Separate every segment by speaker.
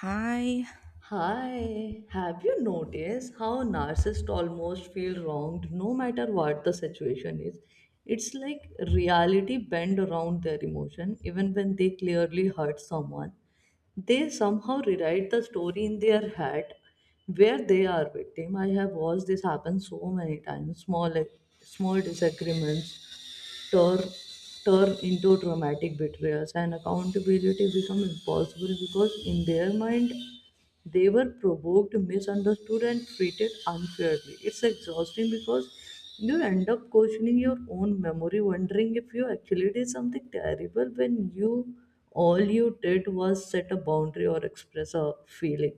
Speaker 1: Hi.
Speaker 2: Hi, have you noticed how narcissists almost feel wronged no matter what the situation is? It's like reality bend around their emotion, even when they clearly hurt someone. They somehow rewrite the story in their head where they are victim. I have watched this happen so many times, small disagreements turn turn into traumatic betrayals, and accountability become impossible because in their mind they were provoked, misunderstood, and treated unfairly. It's exhausting because you end up questioning your own memory, wondering if you actually did something terrible when you all you did was set a boundary or express a feeling.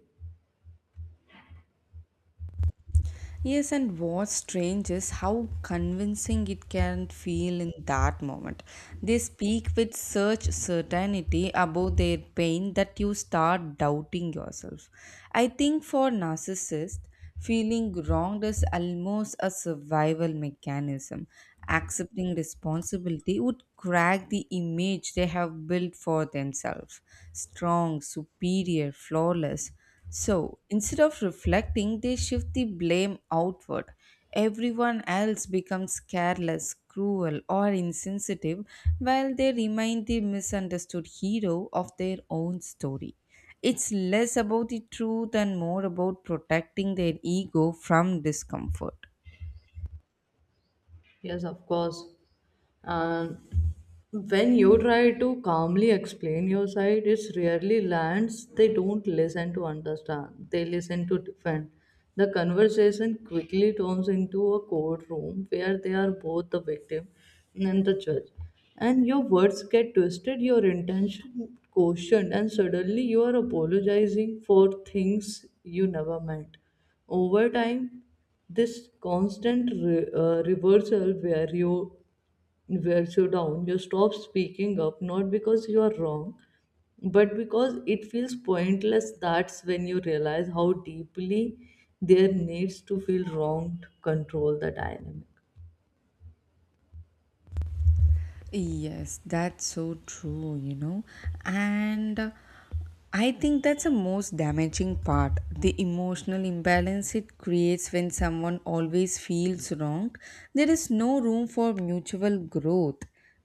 Speaker 1: Yes, and what's strange is how convincing it can feel in that moment. They speak with such certainty about their pain that you start doubting yourself. I think for narcissists, feeling wronged is almost a survival mechanism. Accepting responsibility would crack the image they have built for themselves: strong, superior, flawless. So instead of reflecting, they shift the blame outward. Everyone else becomes careless, cruel, or insensitive, while they remain the misunderstood hero of their own story. It's less about the truth and more about protecting their ego from discomfort.
Speaker 2: Yes, of course. And when you try to calmly explain your side, it's rarely lands. They don't listen to understand, they listen to defend. The conversation quickly turns into a courtroom where they are both the victim and the judge. And your words get twisted, your intention questioned, and suddenly you are apologizing for things you never meant. Over time, this constant reversal where you wears you down, you stop speaking up, not because you are wrong but because it feels pointless. That's when you realize how deeply there needs to feel wrong to control the dynamic.
Speaker 1: Yes, that's so true, And I think that's the most damaging part, the emotional imbalance it creates when someone always feels wrong. There is no room for mutual growth.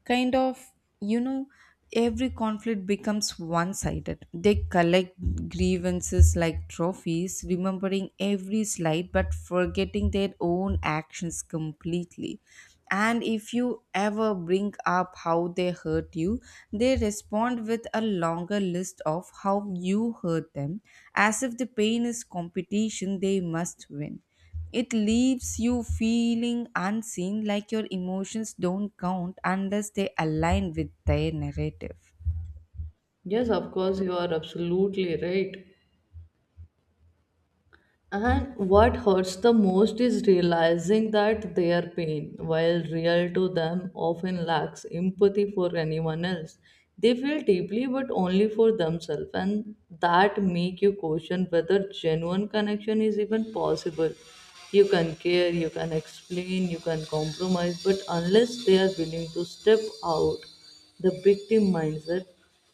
Speaker 1: Kind of, you know every conflict becomes one sided. They collect grievances like trophies, remembering every slight but forgetting their own actions completely. And if you ever bring up how they hurt you, they respond with a longer list of how you hurt them, as if the pain is competition they must win. It leaves you feeling unseen, like your emotions don't count unless they align with their narrative.
Speaker 2: Yes, of course, you are absolutely right. And what hurts the most is realizing that their pain, while real to them, often lacks empathy for anyone else. They feel deeply but only for themselves, and that make you question whether genuine connection is even possible. You can care, you can explain, you can compromise, but unless they are willing to step out the victim mindset,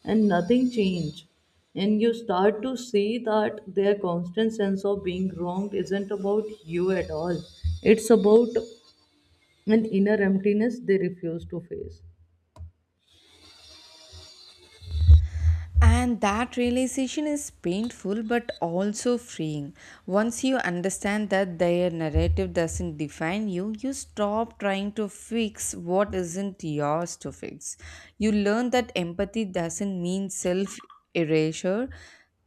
Speaker 2: and nothing changed, and you start to see that their constant sense of being wronged isn't about you at all, it's about an inner emptiness they refuse to face.
Speaker 1: And that realization is painful but also freeing. Once you understand that their narrative doesn't define you, you stop trying to fix what isn't yours to fix. You learn that empathy doesn't mean self erasure.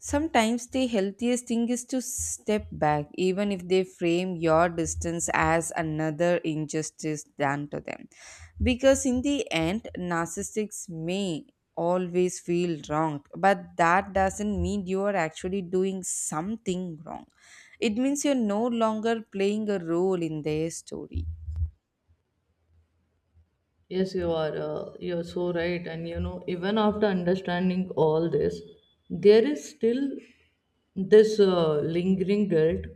Speaker 1: Sometimes the healthiest thing is to step back, even if they frame your distance as another injustice done to them. Because in the end, narcissists may always feel wronged, but that doesn't mean you are actually doing something wrong. It means you're no longer playing a role in their story.
Speaker 2: Yes, you are You're so right, and you know, even after understanding all this, there is still this lingering guilt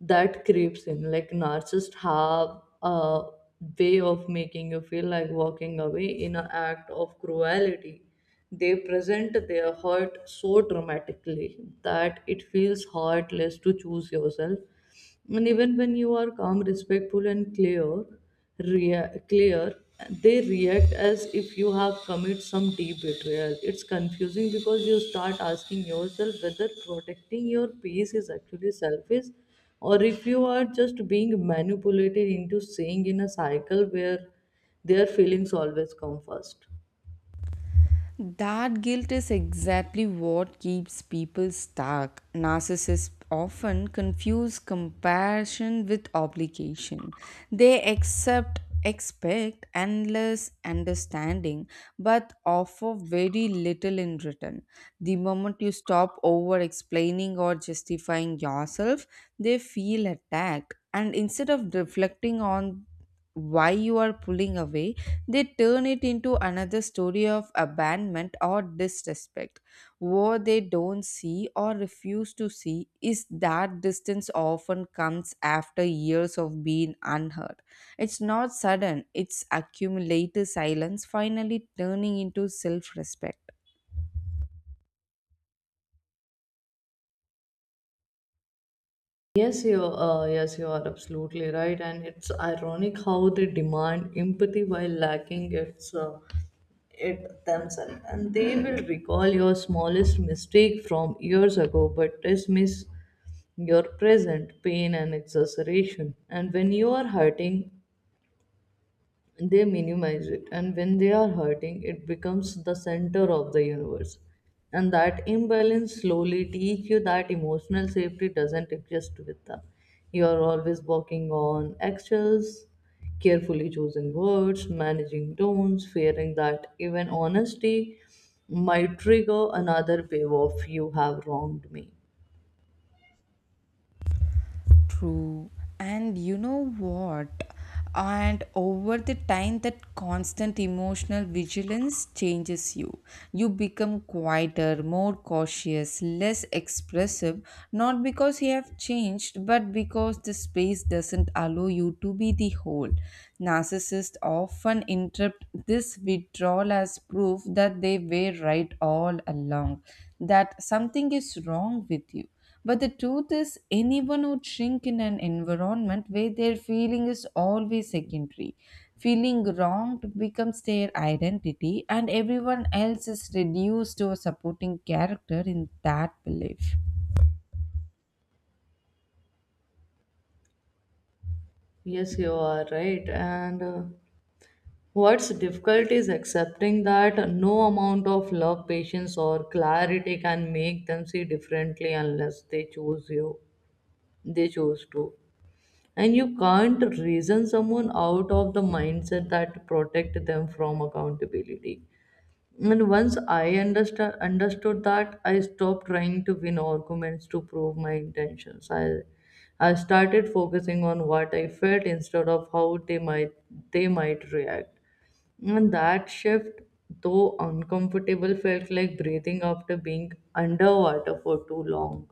Speaker 2: that creeps in. Like narcissists have a way of making you feel like walking away in an act of cruelty. They present their hurt so dramatically that it feels heartless to choose yourself. And even when you are calm, respectful, and clear, clear, they react as if you have committed some deep betrayal. It's confusing because you start asking yourself whether protecting your peace is actually selfish, or if you are just being manipulated into staying in a cycle where their feelings always come first.
Speaker 1: That guilt is exactly what keeps people stuck. Narcissists often confuse compassion with obligation. They accept, expect endless understanding, but offer very little in return. The moment you stop over explaining or justifying yourself, they feel attacked. And instead of reflecting on why you are pulling away, they turn it into another story of abandonment or disrespect. What they don't see or refuse to see is that distance often comes after years of being unheard. It's not sudden, it's accumulated silence finally turning into self respect.
Speaker 2: Yes, you are absolutely right, and it's ironic how they demand empathy while lacking its it themselves, and they will recall your smallest mistake from years ago, but dismiss your present pain and exaggeration. And when you are hurting, they minimize it, and when they are hurting, it becomes the center of the universe. And that imbalance slowly teach you that emotional safety doesn't exist with them. You are always walking on eggshells, carefully choosing words, managing tones, fearing that even honesty might trigger another wave of "you have wronged me."
Speaker 1: True. And you know what? And over the time, that constant emotional vigilance changes you. You become quieter, more cautious, less expressive, not because you have changed, but because the space doesn't allow you to be the whole. Narcissists often interpret this withdrawal as proof that they were right all along, that something is wrong with you. But the truth is, anyone would shrink in an environment where their feeling is always secondary. Feeling wronged becomes their identity, and everyone else is reduced to a supporting character in that belief.
Speaker 2: yes you are right and What's difficult is accepting that no amount of love, patience, or clarity can make them see differently unless they choose you. They choose to. And you can't reason someone out of the mindset that protect them from accountability. And once I understood that, I stopped trying to win arguments to prove my intentions. I started focusing on what I felt instead of how they might react. And that shift, though uncomfortable, felt like breathing after being underwater for too long.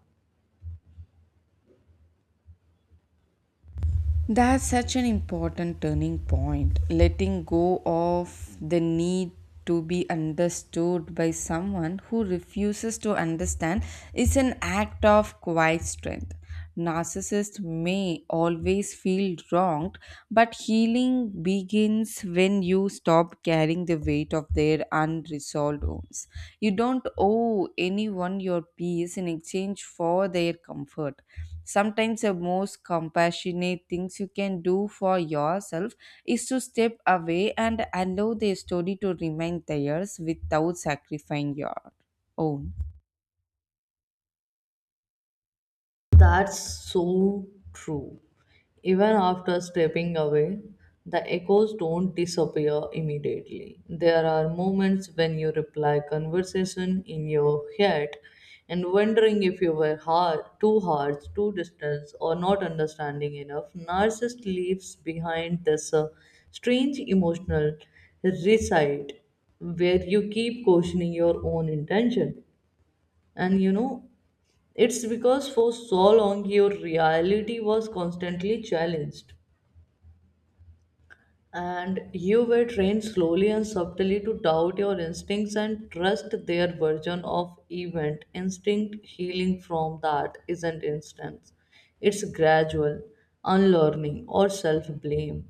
Speaker 1: That's such an important turning point. Letting go of the need to be understood by someone who refuses to understand is an act of quiet strength. Narcissists may always feel wronged, but healing begins when you stop carrying the weight of their unresolved wounds. You don't owe anyone your peace in exchange for their comfort. Sometimes the most compassionate things you can do for yourself is to step away and allow the story to remain theirs without sacrificing your own.
Speaker 2: That's so true. Even after stepping away, the echoes don't disappear immediately. There are moments when you reply conversation in your head and wondering if you were hard, too distant, or not understanding enough. Narcissist leaves behind this strange emotional recite where you keep questioning your own intention. And you know, it's because for so long your reality was constantly challenged, and you were trained slowly and subtly to doubt your instincts and trust their version of event. Instinct healing from that isn't instant, it's gradual unlearning or self blame.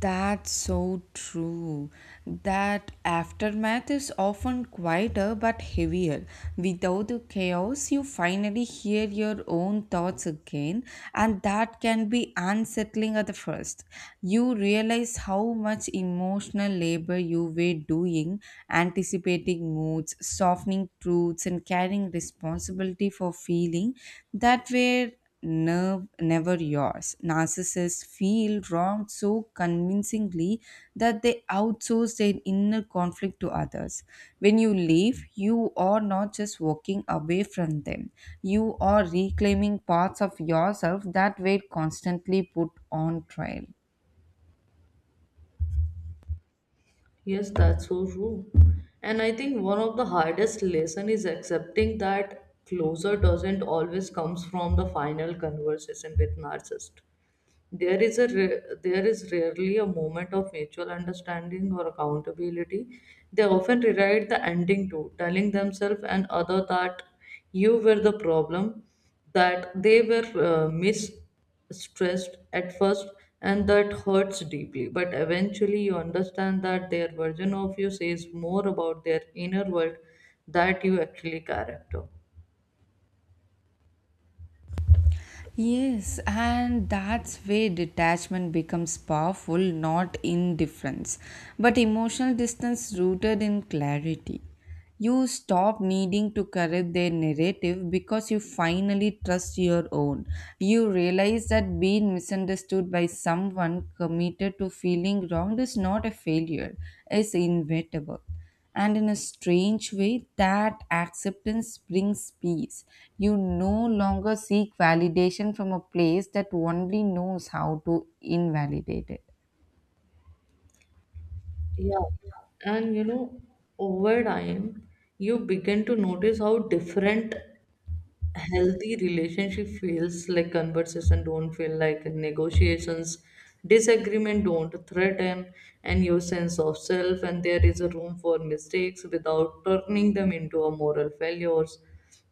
Speaker 1: That's so true. That aftermath is often quieter but heavier. Without the chaos, you finally hear your own thoughts again, and that can be unsettling at the first. You realize how much emotional labor you were doing, anticipating moods, softening truths, and carrying responsibility for feeling that were nerve never yours. Narcissists feel wrong so convincingly that they outsource their inner conflict to others. When you leave, you are not just walking away from them, you are reclaiming parts of yourself that were constantly put on trial.
Speaker 2: Yes, that's so true. And I think one of the hardest lesson is accepting that closure doesn't always comes from the final conversation with narcissist. There is rarely a moment of mutual understanding or accountability. They often rewrite the ending too, telling themselves and other that you were the problem, that they were misstressed at first, and that hurts deeply. But eventually, you understand that their version of you says more about their inner world that you actually character.
Speaker 1: Yes, and that's where detachment becomes powerful, not indifference, but emotional distance rooted in clarity. You stop needing to correct their narrative because you finally trust your own. You realize that being misunderstood by someone committed to feeling wronged is not a failure, it's inevitable. And in a strange way, that acceptance brings peace. You no longer seek validation from a place that only knows how to invalidate it.
Speaker 2: Yeah. And you know, over time, you begin to notice how different healthy relationship feels. Like conversation don't feel like negotiations, disagreement don't threaten and your sense of self, and there is a room for mistakes without turning them into a moral failures.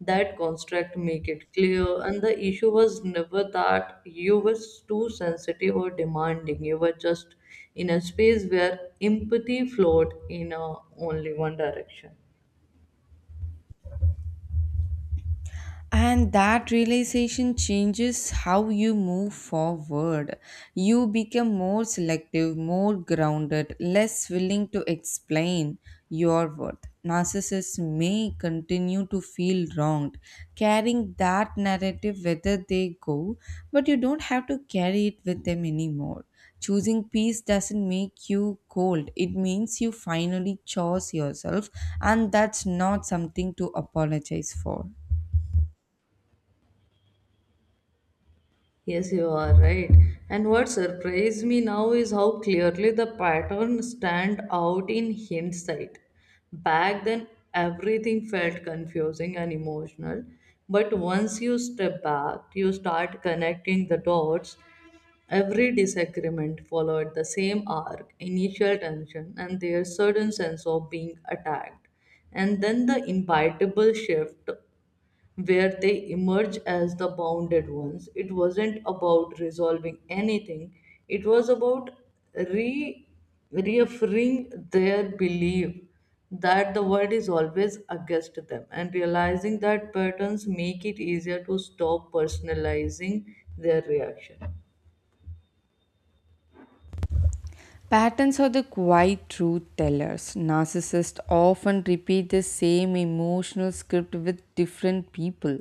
Speaker 2: That construct make it clear and the issue was never that you were too sensitive or demanding, you were just in a space where empathy flowed in a, only one direction.
Speaker 1: And that realization changes how you move forward. You become more selective, more grounded, less willing to explain your worth. Narcissists may continue to feel wronged, carrying that narrative whether they go, but you don't have to carry it with them anymore. Choosing peace doesn't make you cold, it means you finally chose yourself, and that's not something to apologize for.
Speaker 2: Yes, you are right. And what surprised me now is how clearly the pattern stand out in hindsight. Back then, everything felt confusing and emotional. But once you step back, you start connecting the dots. Every disagreement followed the same arc, initial tension, and their sudden sense of being attacked. And then the inevitable shift where they emerge as the bounded ones. It wasn't about resolving anything, it was about re- reaffirming their belief that the world is always against them, and realizing that patterns make it easier to stop personalizing their reaction.
Speaker 1: Patterns are the quiet truth tellers. Narcissists often repeat the same emotional script with different people,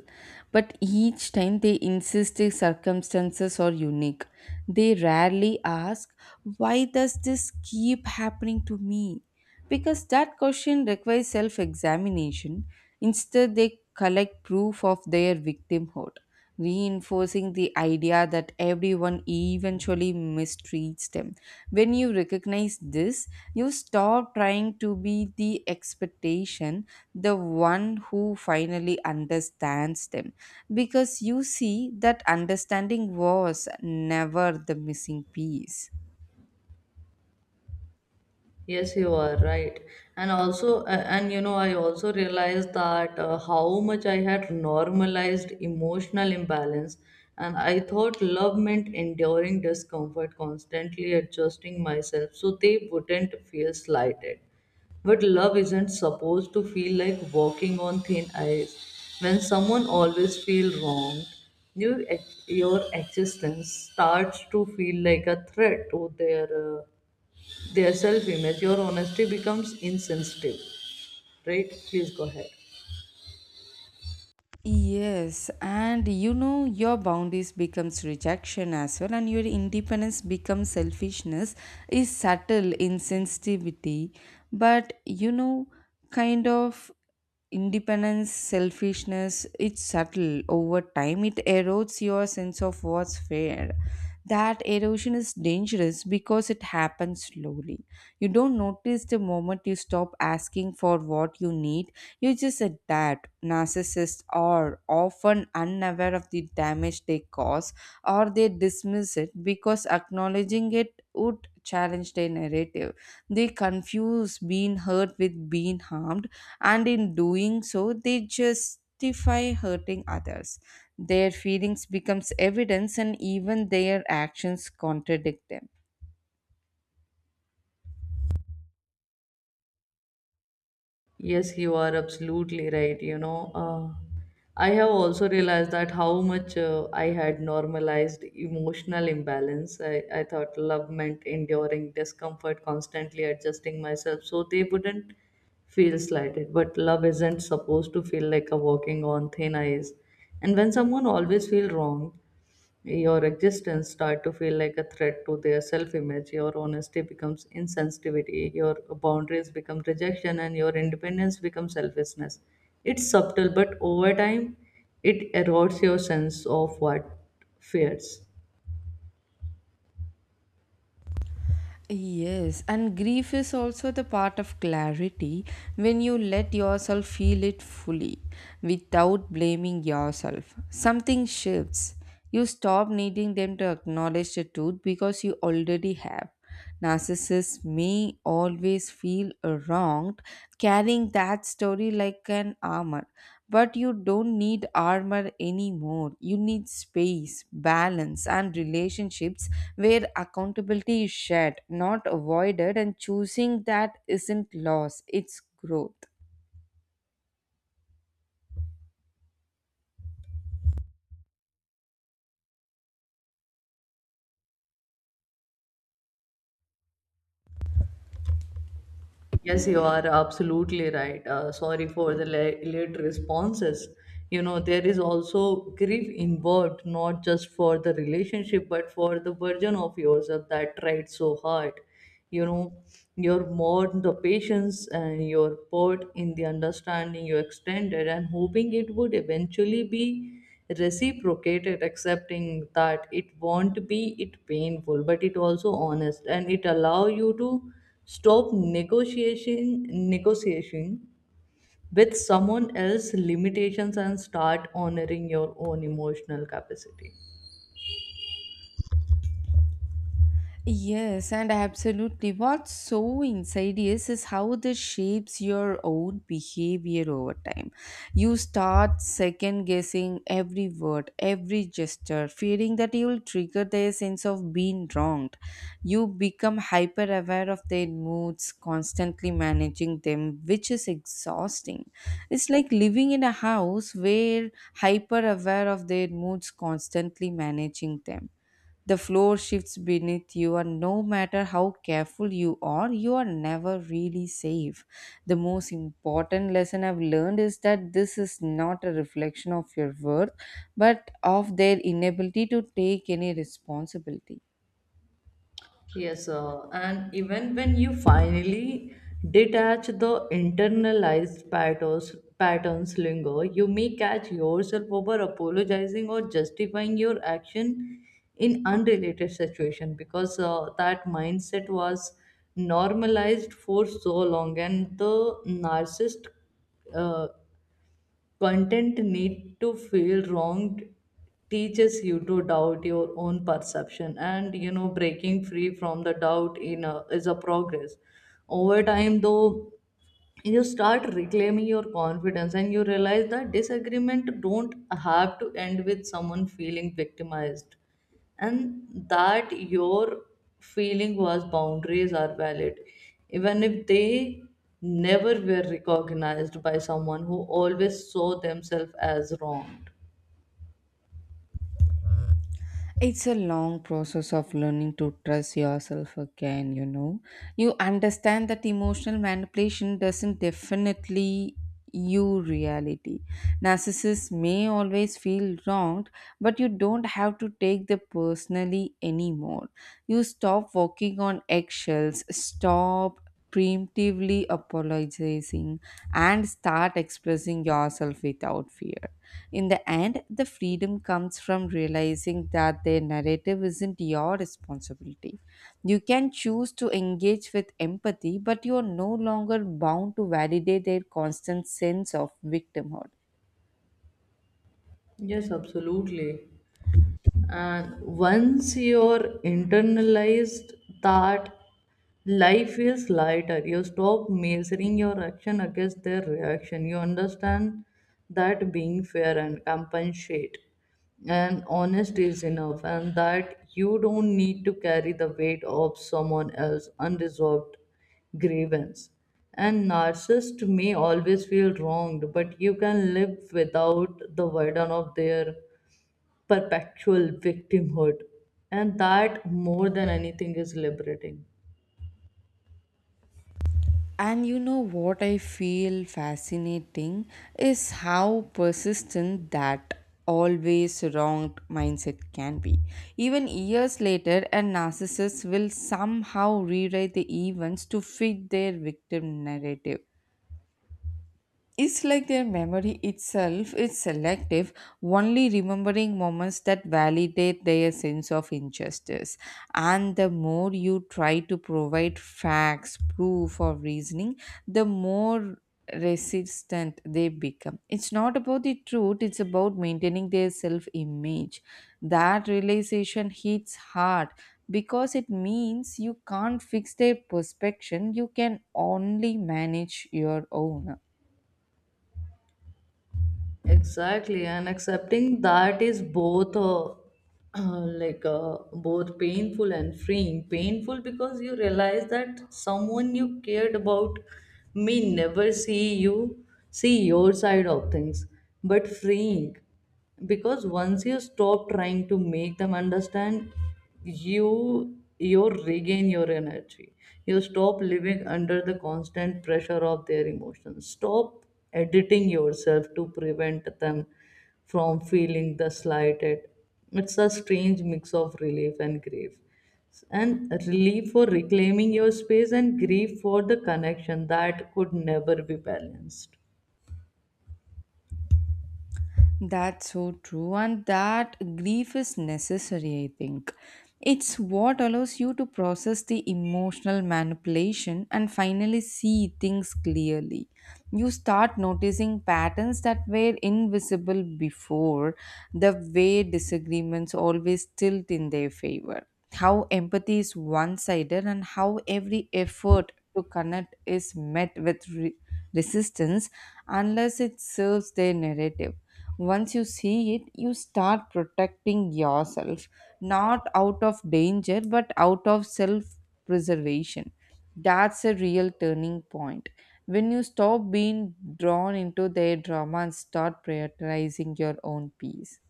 Speaker 1: but each time they insist the circumstances are unique. They rarely ask, "Why does this keep happening to me?" Because that question requires self examination. Instead, they collect proof of their victimhood, reinforcing the idea that everyone eventually mistreats them. When you recognize this, you stop trying to be the expectation, the one who finally understands them, because you see that understanding was never the missing piece.
Speaker 2: Yes, you are right. And you know, I also realized that how much I had normalized emotional imbalance. And I thought love meant enduring discomfort, constantly adjusting myself so they wouldn't feel slighted. But love isn't supposed to feel like walking on thin ice. When someone always feels wronged, your existence starts to feel like a threat to their self image, your honesty becomes insensitive, right? Please go ahead.
Speaker 1: Yes, and you know, your boundaries becomes rejection as well, and your independence becomes selfishness, is subtle insensitivity, but kind of independence, selfishness, it's subtle over time. It erodes your sense of what's fair. That erosion is dangerous because it happens slowly. You don't notice the moment you stop asking for what you need. You just said that narcissists are often unaware of the damage they cause, or they dismiss it because acknowledging it would challenge their narrative. They confuse being hurt with being harmed, and in doing so, they justify hurting others. Their feelings becomes evidence and even their actions contradict them.
Speaker 2: Yes, you are absolutely right. I have also realized that how much I had normalized emotional imbalance. I thought love meant enduring discomfort, constantly adjusting myself so they wouldn't feel slighted. But love isn't supposed to feel like a walking on thin ice. And when someone always feels wronged, your existence start to feel like a threat to their self-image, your honesty becomes insensitivity, your boundaries become rejection, and your independence becomes selfishness. It's subtle, but over time it erodes your sense of what fears.
Speaker 1: Yes, and grief is also the part of clarity. When you let yourself feel it fully without blaming yourself, something shifts. You stop needing them to acknowledge the truth because you already have. Narcissists may always feel wronged, carrying that story like an armor. But you don't need armor anymore. You need space, balance, and relationships where accountability is shared, not avoided, and choosing that isn't loss, it's growth.
Speaker 2: Yes, you are absolutely right. Sorry for the late responses. You know, there is also grief involved, not just for the relationship, but for the version of yourself that tried so hard. You know, your mourn the patience and your put in the understanding you extended and hoping it would eventually be reciprocated. Accepting that it won't be it painful, but it also honest, and it allow you to stop negotiation with someone else's limitations and start honoring your own emotional capacity.
Speaker 1: Yes, and absolutely. What's so insidious is how this shapes your own behavior over time. You start second guessing every word, every gesture, fearing that you will trigger their sense of being wronged. You become hyper aware of their moods, constantly managing them, which is exhausting. It's like living in a house where hyper aware of their moods, constantly managing them, the floor shifts beneath you, and no matter how careful you are never really safe. The most important lesson I've learned is that this is not a reflection of your worth, but of their inability to take any responsibility.
Speaker 2: Yes, sir. And even when you finally detach, the internalized patterns linger. You may catch yourself over apologizing or justifying your action in unrelated situation, because that mindset was normalized for so long, and the narcissist uh, content need to feel wronged teaches you to doubt your own perception. And you know, breaking free from the doubt in a, is a progress. Over time though, you start reclaiming your confidence, and you realize that disagreement don't have to end with someone feeling victimized, and that your feeling was boundaries are valid, even if they never were recognized by someone who always saw themselves as wronged.
Speaker 1: It's a long process of learning to trust yourself again, you know. You understand that emotional manipulation doesn't definitely you reality. Narcissists may always feel wronged, but you don't have to take them personally anymore. You stop walking on eggshells, stop preemptively apologizing, and start expressing yourself without fear. In the end, the freedom comes from realizing that their narrative isn't your responsibility. You can choose to engage with empathy, but you are no longer bound to validate their constant sense of victimhood.
Speaker 2: Yes, absolutely. And once you're internalized that, life is lighter. You stop measuring your action against their reaction. You understand that being fair and compensate and honest is enough, and that you don't need to carry the weight of someone else's unresolved grievance. And narcissist may always feel wronged, but you can live without the burden of their perpetual victimhood. And that, more than anything, is liberating.
Speaker 1: And you know what I feel fascinating is how persistent that always wrong mindset can be. Even years later, a narcissist will somehow rewrite the events to fit their victim narrative. It's like their memory itself is selective, only remembering moments that validate their sense of injustice. And the more you try to provide facts, proof, or reasoning, the more resistant they become. It's not about the truth, it's about maintaining their self image. That realization hits hard because it means you can't fix their perception, you can only manage your own.
Speaker 2: Exactly, and accepting that is both both painful and freeing. Painful because you realize that someone you cared about may never see your side of things, but freeing because once you stop trying to make them understand, you you regain your energy. You stop living under the constant pressure of their emotions, stop editing yourself to prevent them from feeling the slighted. It's a strange mix of relief and grief, and relief for reclaiming your space, and grief for the connection that could never be balanced.
Speaker 1: That's so true, and that grief is necessary, I think. It's what allows you to process the emotional manipulation and finally see things clearly. You start noticing patterns that were invisible before, the way disagreements always tilt in their favor, how empathy is one sided, and how every effort to connect is met with resistance unless it serves their narrative. Once you see it, you start protecting yourself, not out of danger but out of self preservation. That's a real turning point, when you stop being drawn into their drama and start prioritizing your own peace.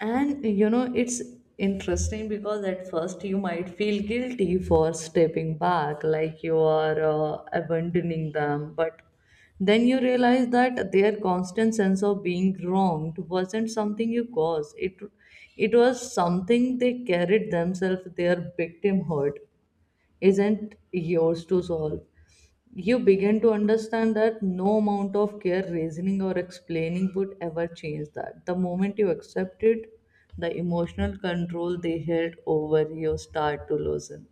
Speaker 2: And you know, it's interesting because at first you might feel guilty for stepping back, like you are abandoning them. But then you realize that their constant sense of being wronged wasn't something you caused. It was something they carried themselves. Their victimhood isn't yours to solve. You begin to understand that no amount of care, reasoning, or explaining would ever change that. The moment you accept it, the emotional control they held over you start to loosen.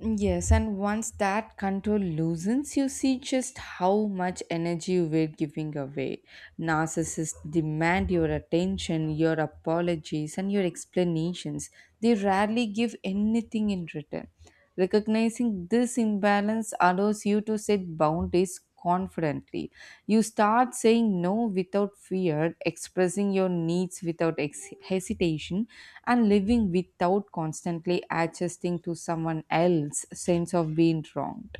Speaker 1: Yes, and once that control loosens, you see just how much energy you are giving away. Narcissists demand your attention, your apologies, and your explanations. They rarely give anything in return. Recognizing this imbalance allows you to set boundaries confidently. You start saying no without fear, expressing your needs without hesitation, and living without constantly adjusting to someone else's sense of being wronged.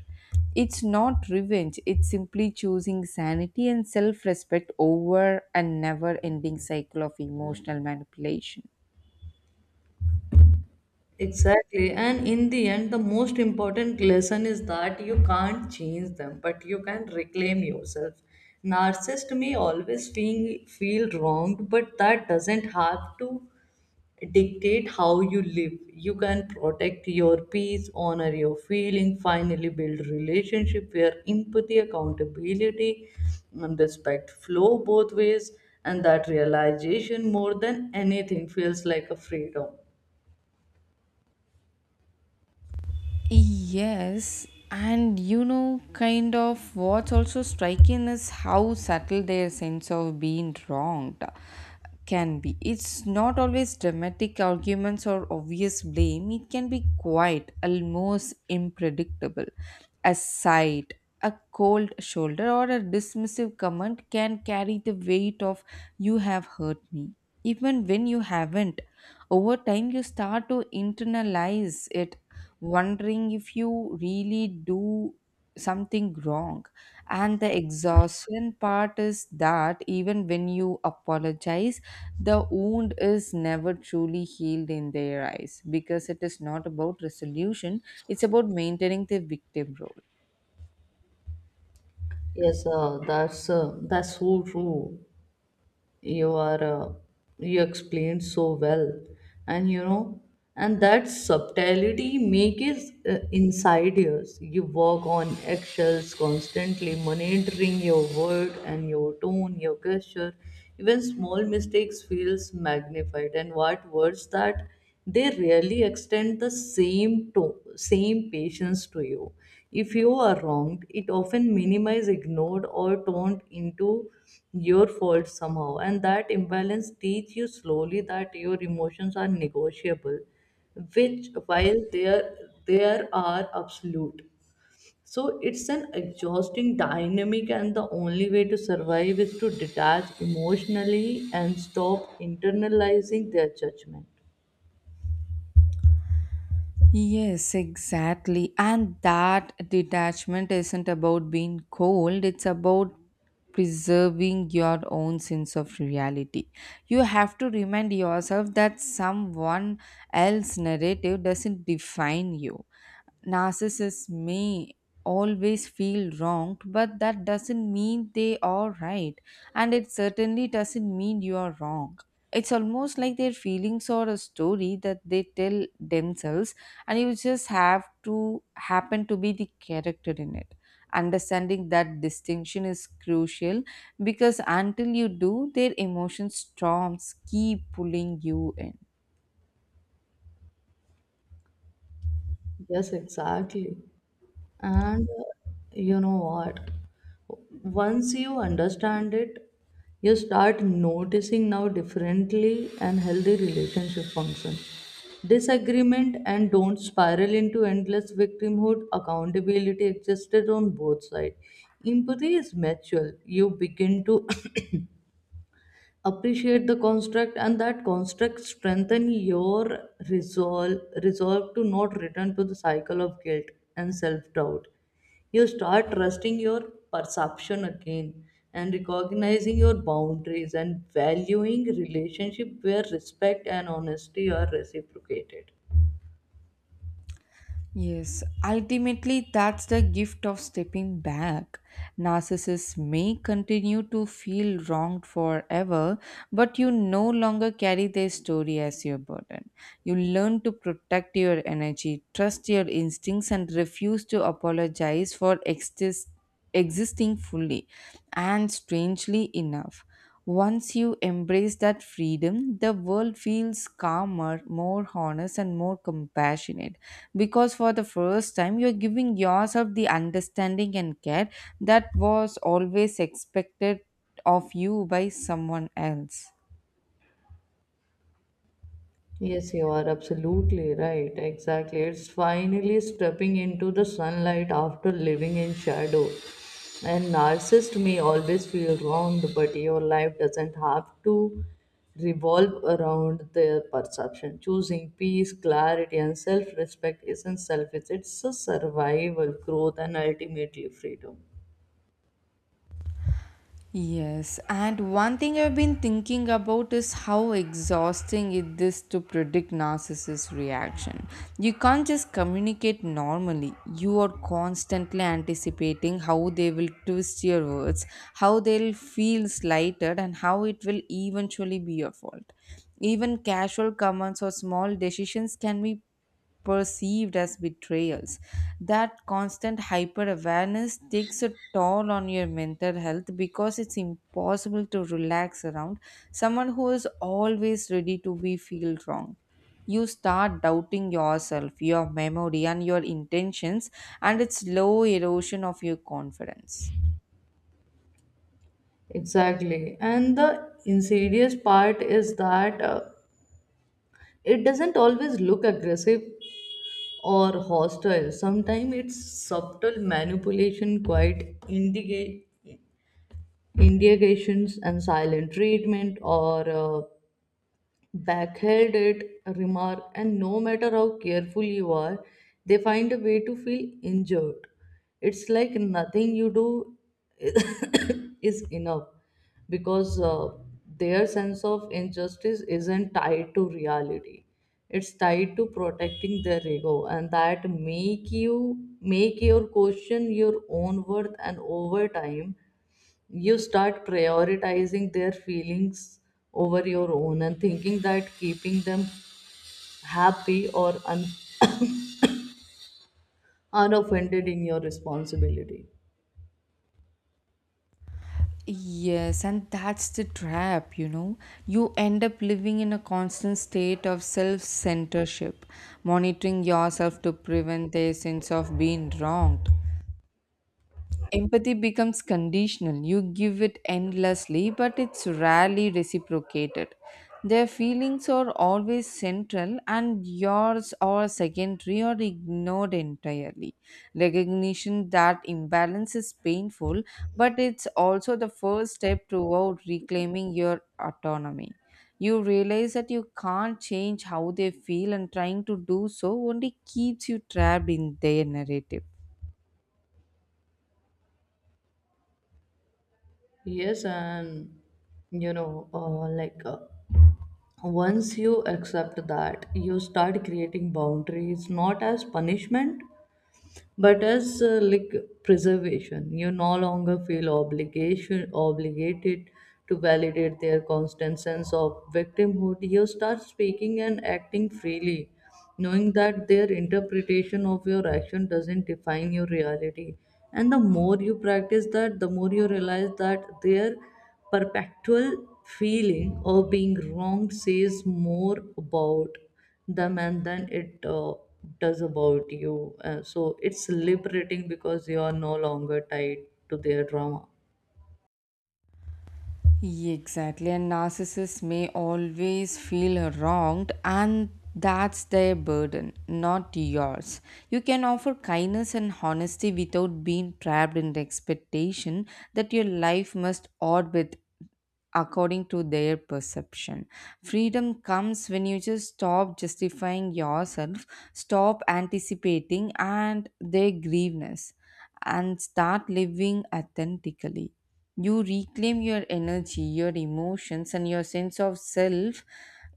Speaker 1: It's not revenge, it's simply choosing sanity and self respect over a never ending cycle of emotional manipulation.
Speaker 2: Exactly. And in the end, the most important lesson is that you can't change them, but you can reclaim yourself. Narcissist may always feel wronged, but that doesn't have to dictate how you live. You can protect your peace, honor your feeling, finally build relationship where empathy, accountability, and respect flow both ways. And that realization, more than anything, feels like a freedom.
Speaker 1: Yes, and you know, what's also striking is how subtle their sense of being wronged can be. It's not always dramatic arguments or obvious blame, it can be quiet, almost impredict,able. A sight, a cold shoulder, or a dismissive comment can carry the weight of "you have hurt me," even when you haven't. Over time, you start to internalize it, wondering if you really do something wrong. And the exhaustion part is that even when you apologize, the wound is never truly healed in their eyes because it is not about resolution, it's about maintaining the victim role.
Speaker 2: Yes, that's so true. You are you explained so well, and you know, and that subtlety make is insidious. You work on eggshells constantly, monitoring your word and your tone, your gesture. Even small mistakes feels magnified, and what worse that they really extend the same to same patience to you. If you are wronged, it often minimized, ignored, or turned into your fault somehow, and that imbalance teach you slowly that your emotions are negotiable, which while there are absolute. So it's an exhausting dynamic, and the only way to survive is to detach emotionally and stop internalizing their judgment.
Speaker 1: Yes, exactly. And that detachment isn't about being cold, it's about preserving your own sense of reality. You have to remind yourself that someone else's narrative doesn't define you. Narcissists may always feel wronged, but that doesn't mean they are right, and it certainly doesn't mean you are wrong. It's almost like their feelings are a story that they tell themselves and you just have to happen to be the character in it. Understanding that distinction is crucial, because until you do, their emotion storms keep pulling you in.
Speaker 2: Yes, exactly. And you know what? Once you understand it, you start noticing now differently and healthy relationship function. Disagreement and don't spiral into endless victimhood. Accountability existed on both sides. Empathy is mutual. You begin to appreciate the construct, and that construct strengthen your resolve to not return to the cycle of guilt and self-doubt. You start trusting your perception again and recognizing your boundaries and valuing relationship where respect and honesty are reciprocated.
Speaker 1: Yes, ultimately, that's the gift of stepping back. Narcissists may continue to feel wronged forever, but you no longer carry their story as your burden. You learn to protect your energy, trust your instincts, and refuse to apologize for existing fully. And strangely enough, once you embrace that freedom, the world feels calmer, more honest, and more compassionate, because for the first time you're giving yourself the understanding and care that was always expected of you by someone else.
Speaker 2: Yes, you are absolutely right. Exactly. It's finally stepping into the sunlight after living in shadow. And narcissist may always feel wronged, but your life doesn't have to revolve around their perception. Choosing peace, clarity, and self respect isn't selfish, it's a survival, growth, and ultimately freedom.
Speaker 1: Yes, and one thing I've been thinking about is how exhausting it is to predict narcissist reaction. You can't just communicate normally. You are constantly anticipating how they will twist your words, how they'll feel slighted, and how it will eventually be your fault. Even casual comments or small decisions can be perceived as betrayals. That constant hyper awareness takes a toll on your mental health because it's impossible to relax around someone who is always ready to be feel wrong. You start doubting yourself, your memory, and your intentions, and it's slow erosion of your confidence.
Speaker 2: Exactly. And the insidious part is that it doesn't always look aggressive or hostile. Sometimes it's subtle manipulation, quiet indications, and silent treatment, or backhanded remark, and no matter how careful you are, they find a way to feel injured. It's like nothing you do is enough, because their sense of injustice isn't tied to reality. It's tied to protecting their ego, and that make you make your question your own worth, and over time you start prioritizing their feelings over your own and thinking that keeping them happy or unoffended in your responsibility.
Speaker 1: Yes, and that's the trap, you know. You end up living in a constant state of self censorship, monitoring yourself to prevent a sense of being wronged. Empathy becomes conditional. You give it endlessly, but it's rarely reciprocated. Their feelings are always central, and yours are secondary or ignored entirely. Recognition that imbalance is painful, but it's also the first step toward reclaiming your autonomy. You realize that you can't change how they feel, and trying to do so only keeps you trapped in their narrative.
Speaker 2: Yes, and you know, once you accept that, you start creating boundaries, not as punishment but as like preservation. You no longer feel obligation obligated to validate their constant sense of victimhood. You start speaking and acting freely, knowing that their interpretation of your action doesn't define your reality. And the more you practice that, the more you realize that their perpetual feeling of being wrong says more about them and then it does about you. So it's liberating, because you are no longer tied to their drama.
Speaker 1: Yeah, exactly, and narcissists may always feel wronged, and that's their burden, not yours. You can offer kindness and honesty without being trapped in the expectation that your life must orbit according to their perception. Freedom comes when you just stop justifying yourself, stop anticipating and their grievances, and start living authentically. You reclaim your energy, your emotions, and your sense of self.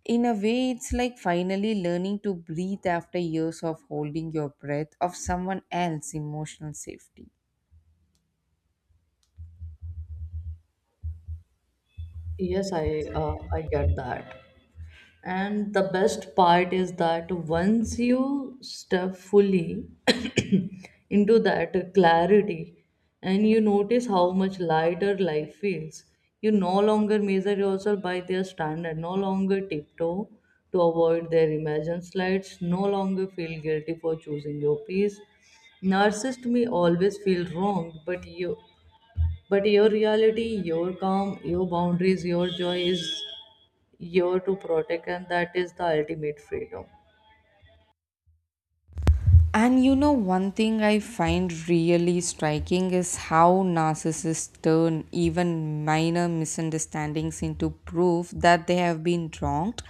Speaker 1: In a way, it's like finally learning to breathe after years of holding your breath of someone else's emotional safety.
Speaker 2: Yes, I get that. And the best part is that once you step fully into that clarity and you notice how much lighter life feels, you no longer measure yourself by their standard, no longer tiptoe to avoid their imagined slides, no longer feel guilty for choosing your peace. Narcissist may always feel wrong, but you but your reality, your calm, your boundaries, your joy is you're to protect, and that is the ultimate freedom.
Speaker 1: And you know, one thing I find really striking is how narcissists turn even minor misunderstandings into proof that they have been wronged.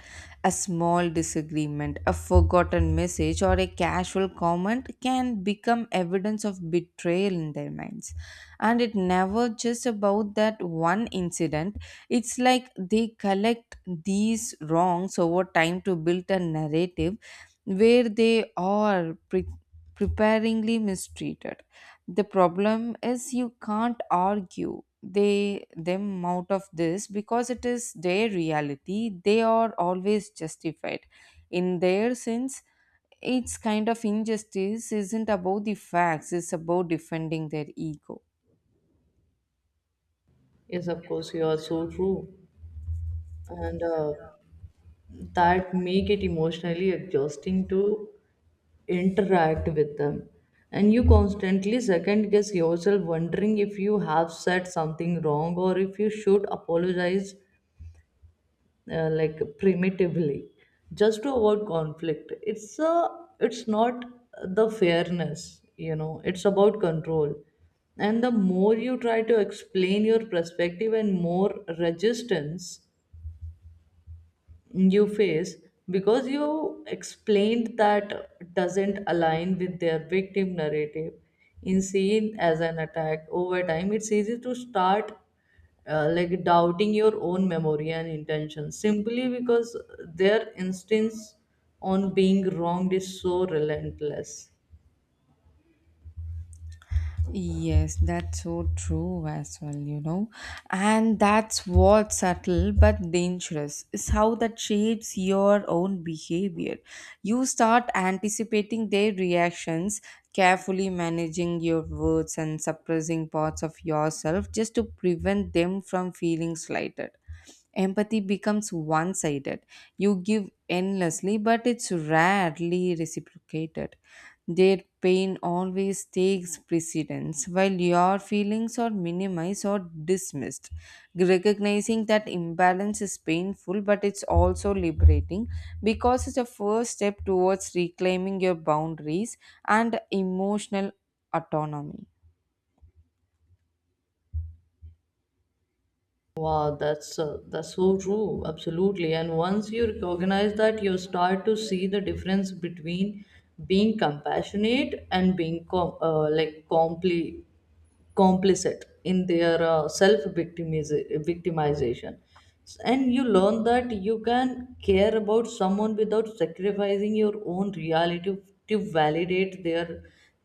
Speaker 1: A small disagreement, a forgotten message, or a casual comment can become evidence of betrayal in their minds. And it never just about that one incident, it's like they collect these wrongs over time to build a narrative where they are preparingly mistreated. The problem is you can't argue they them out of this because it is their reality. They are always justified in their sense. It's kind of injustice isn't about the facts; it's about defending their ego.
Speaker 2: Yes, of course, you are so true. And that make it emotionally exhausting to interact with them. And you constantly second guess yourself, wondering if you have said something wrong or if you should apologize, like primitively, just to avoid conflict. It's not the fairness, you know, it's about control. And the more you try to explain your perspective, and more resistance you face, because you explained that doesn't align with their victim narrative, in seen as an attack. Over time, it's easy to start like doubting your own memory and intention, simply because their instincts on being wronged is so relentless.
Speaker 1: Yes, that's so true as well, you know. And that's what's subtle but dangerous is how that shapes your own behavior. You start anticipating their reactions, carefully managing your words and suppressing parts of yourself just to prevent them from feeling slighted. Empathy becomes one sided. You give endlessly, but it's rarely reciprocated. Their pain always takes precedence, while your feelings are minimized or dismissed. Recognizing that imbalance is painful, but it's also liberating because it's a first step towards reclaiming your boundaries and emotional autonomy.
Speaker 2: Wow, that's so true. Absolutely. And once you recognize that, you start to see the difference between being compassionate and being complicit in their self victimization, and you learn that you can care about someone without sacrificing your own reality to validate their.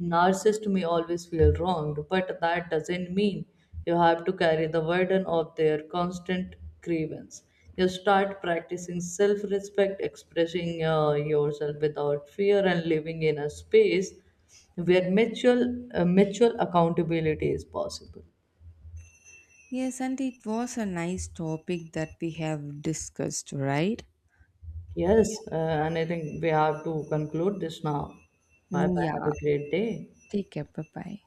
Speaker 2: Narcissist may always feel wronged, but that doesn't mean you have to carry the burden of their constant grievance. You start practicing self-respect, expressing yourself without fear, and living in a space where mutual accountability is possible.
Speaker 1: Yes, and it was a nice topic that we have discussed, right?
Speaker 2: Yes, and I think we have to conclude this now. Bye
Speaker 1: Hm,
Speaker 2: bye.
Speaker 1: ja,
Speaker 2: Have a great day.
Speaker 1: die ik heb erbij.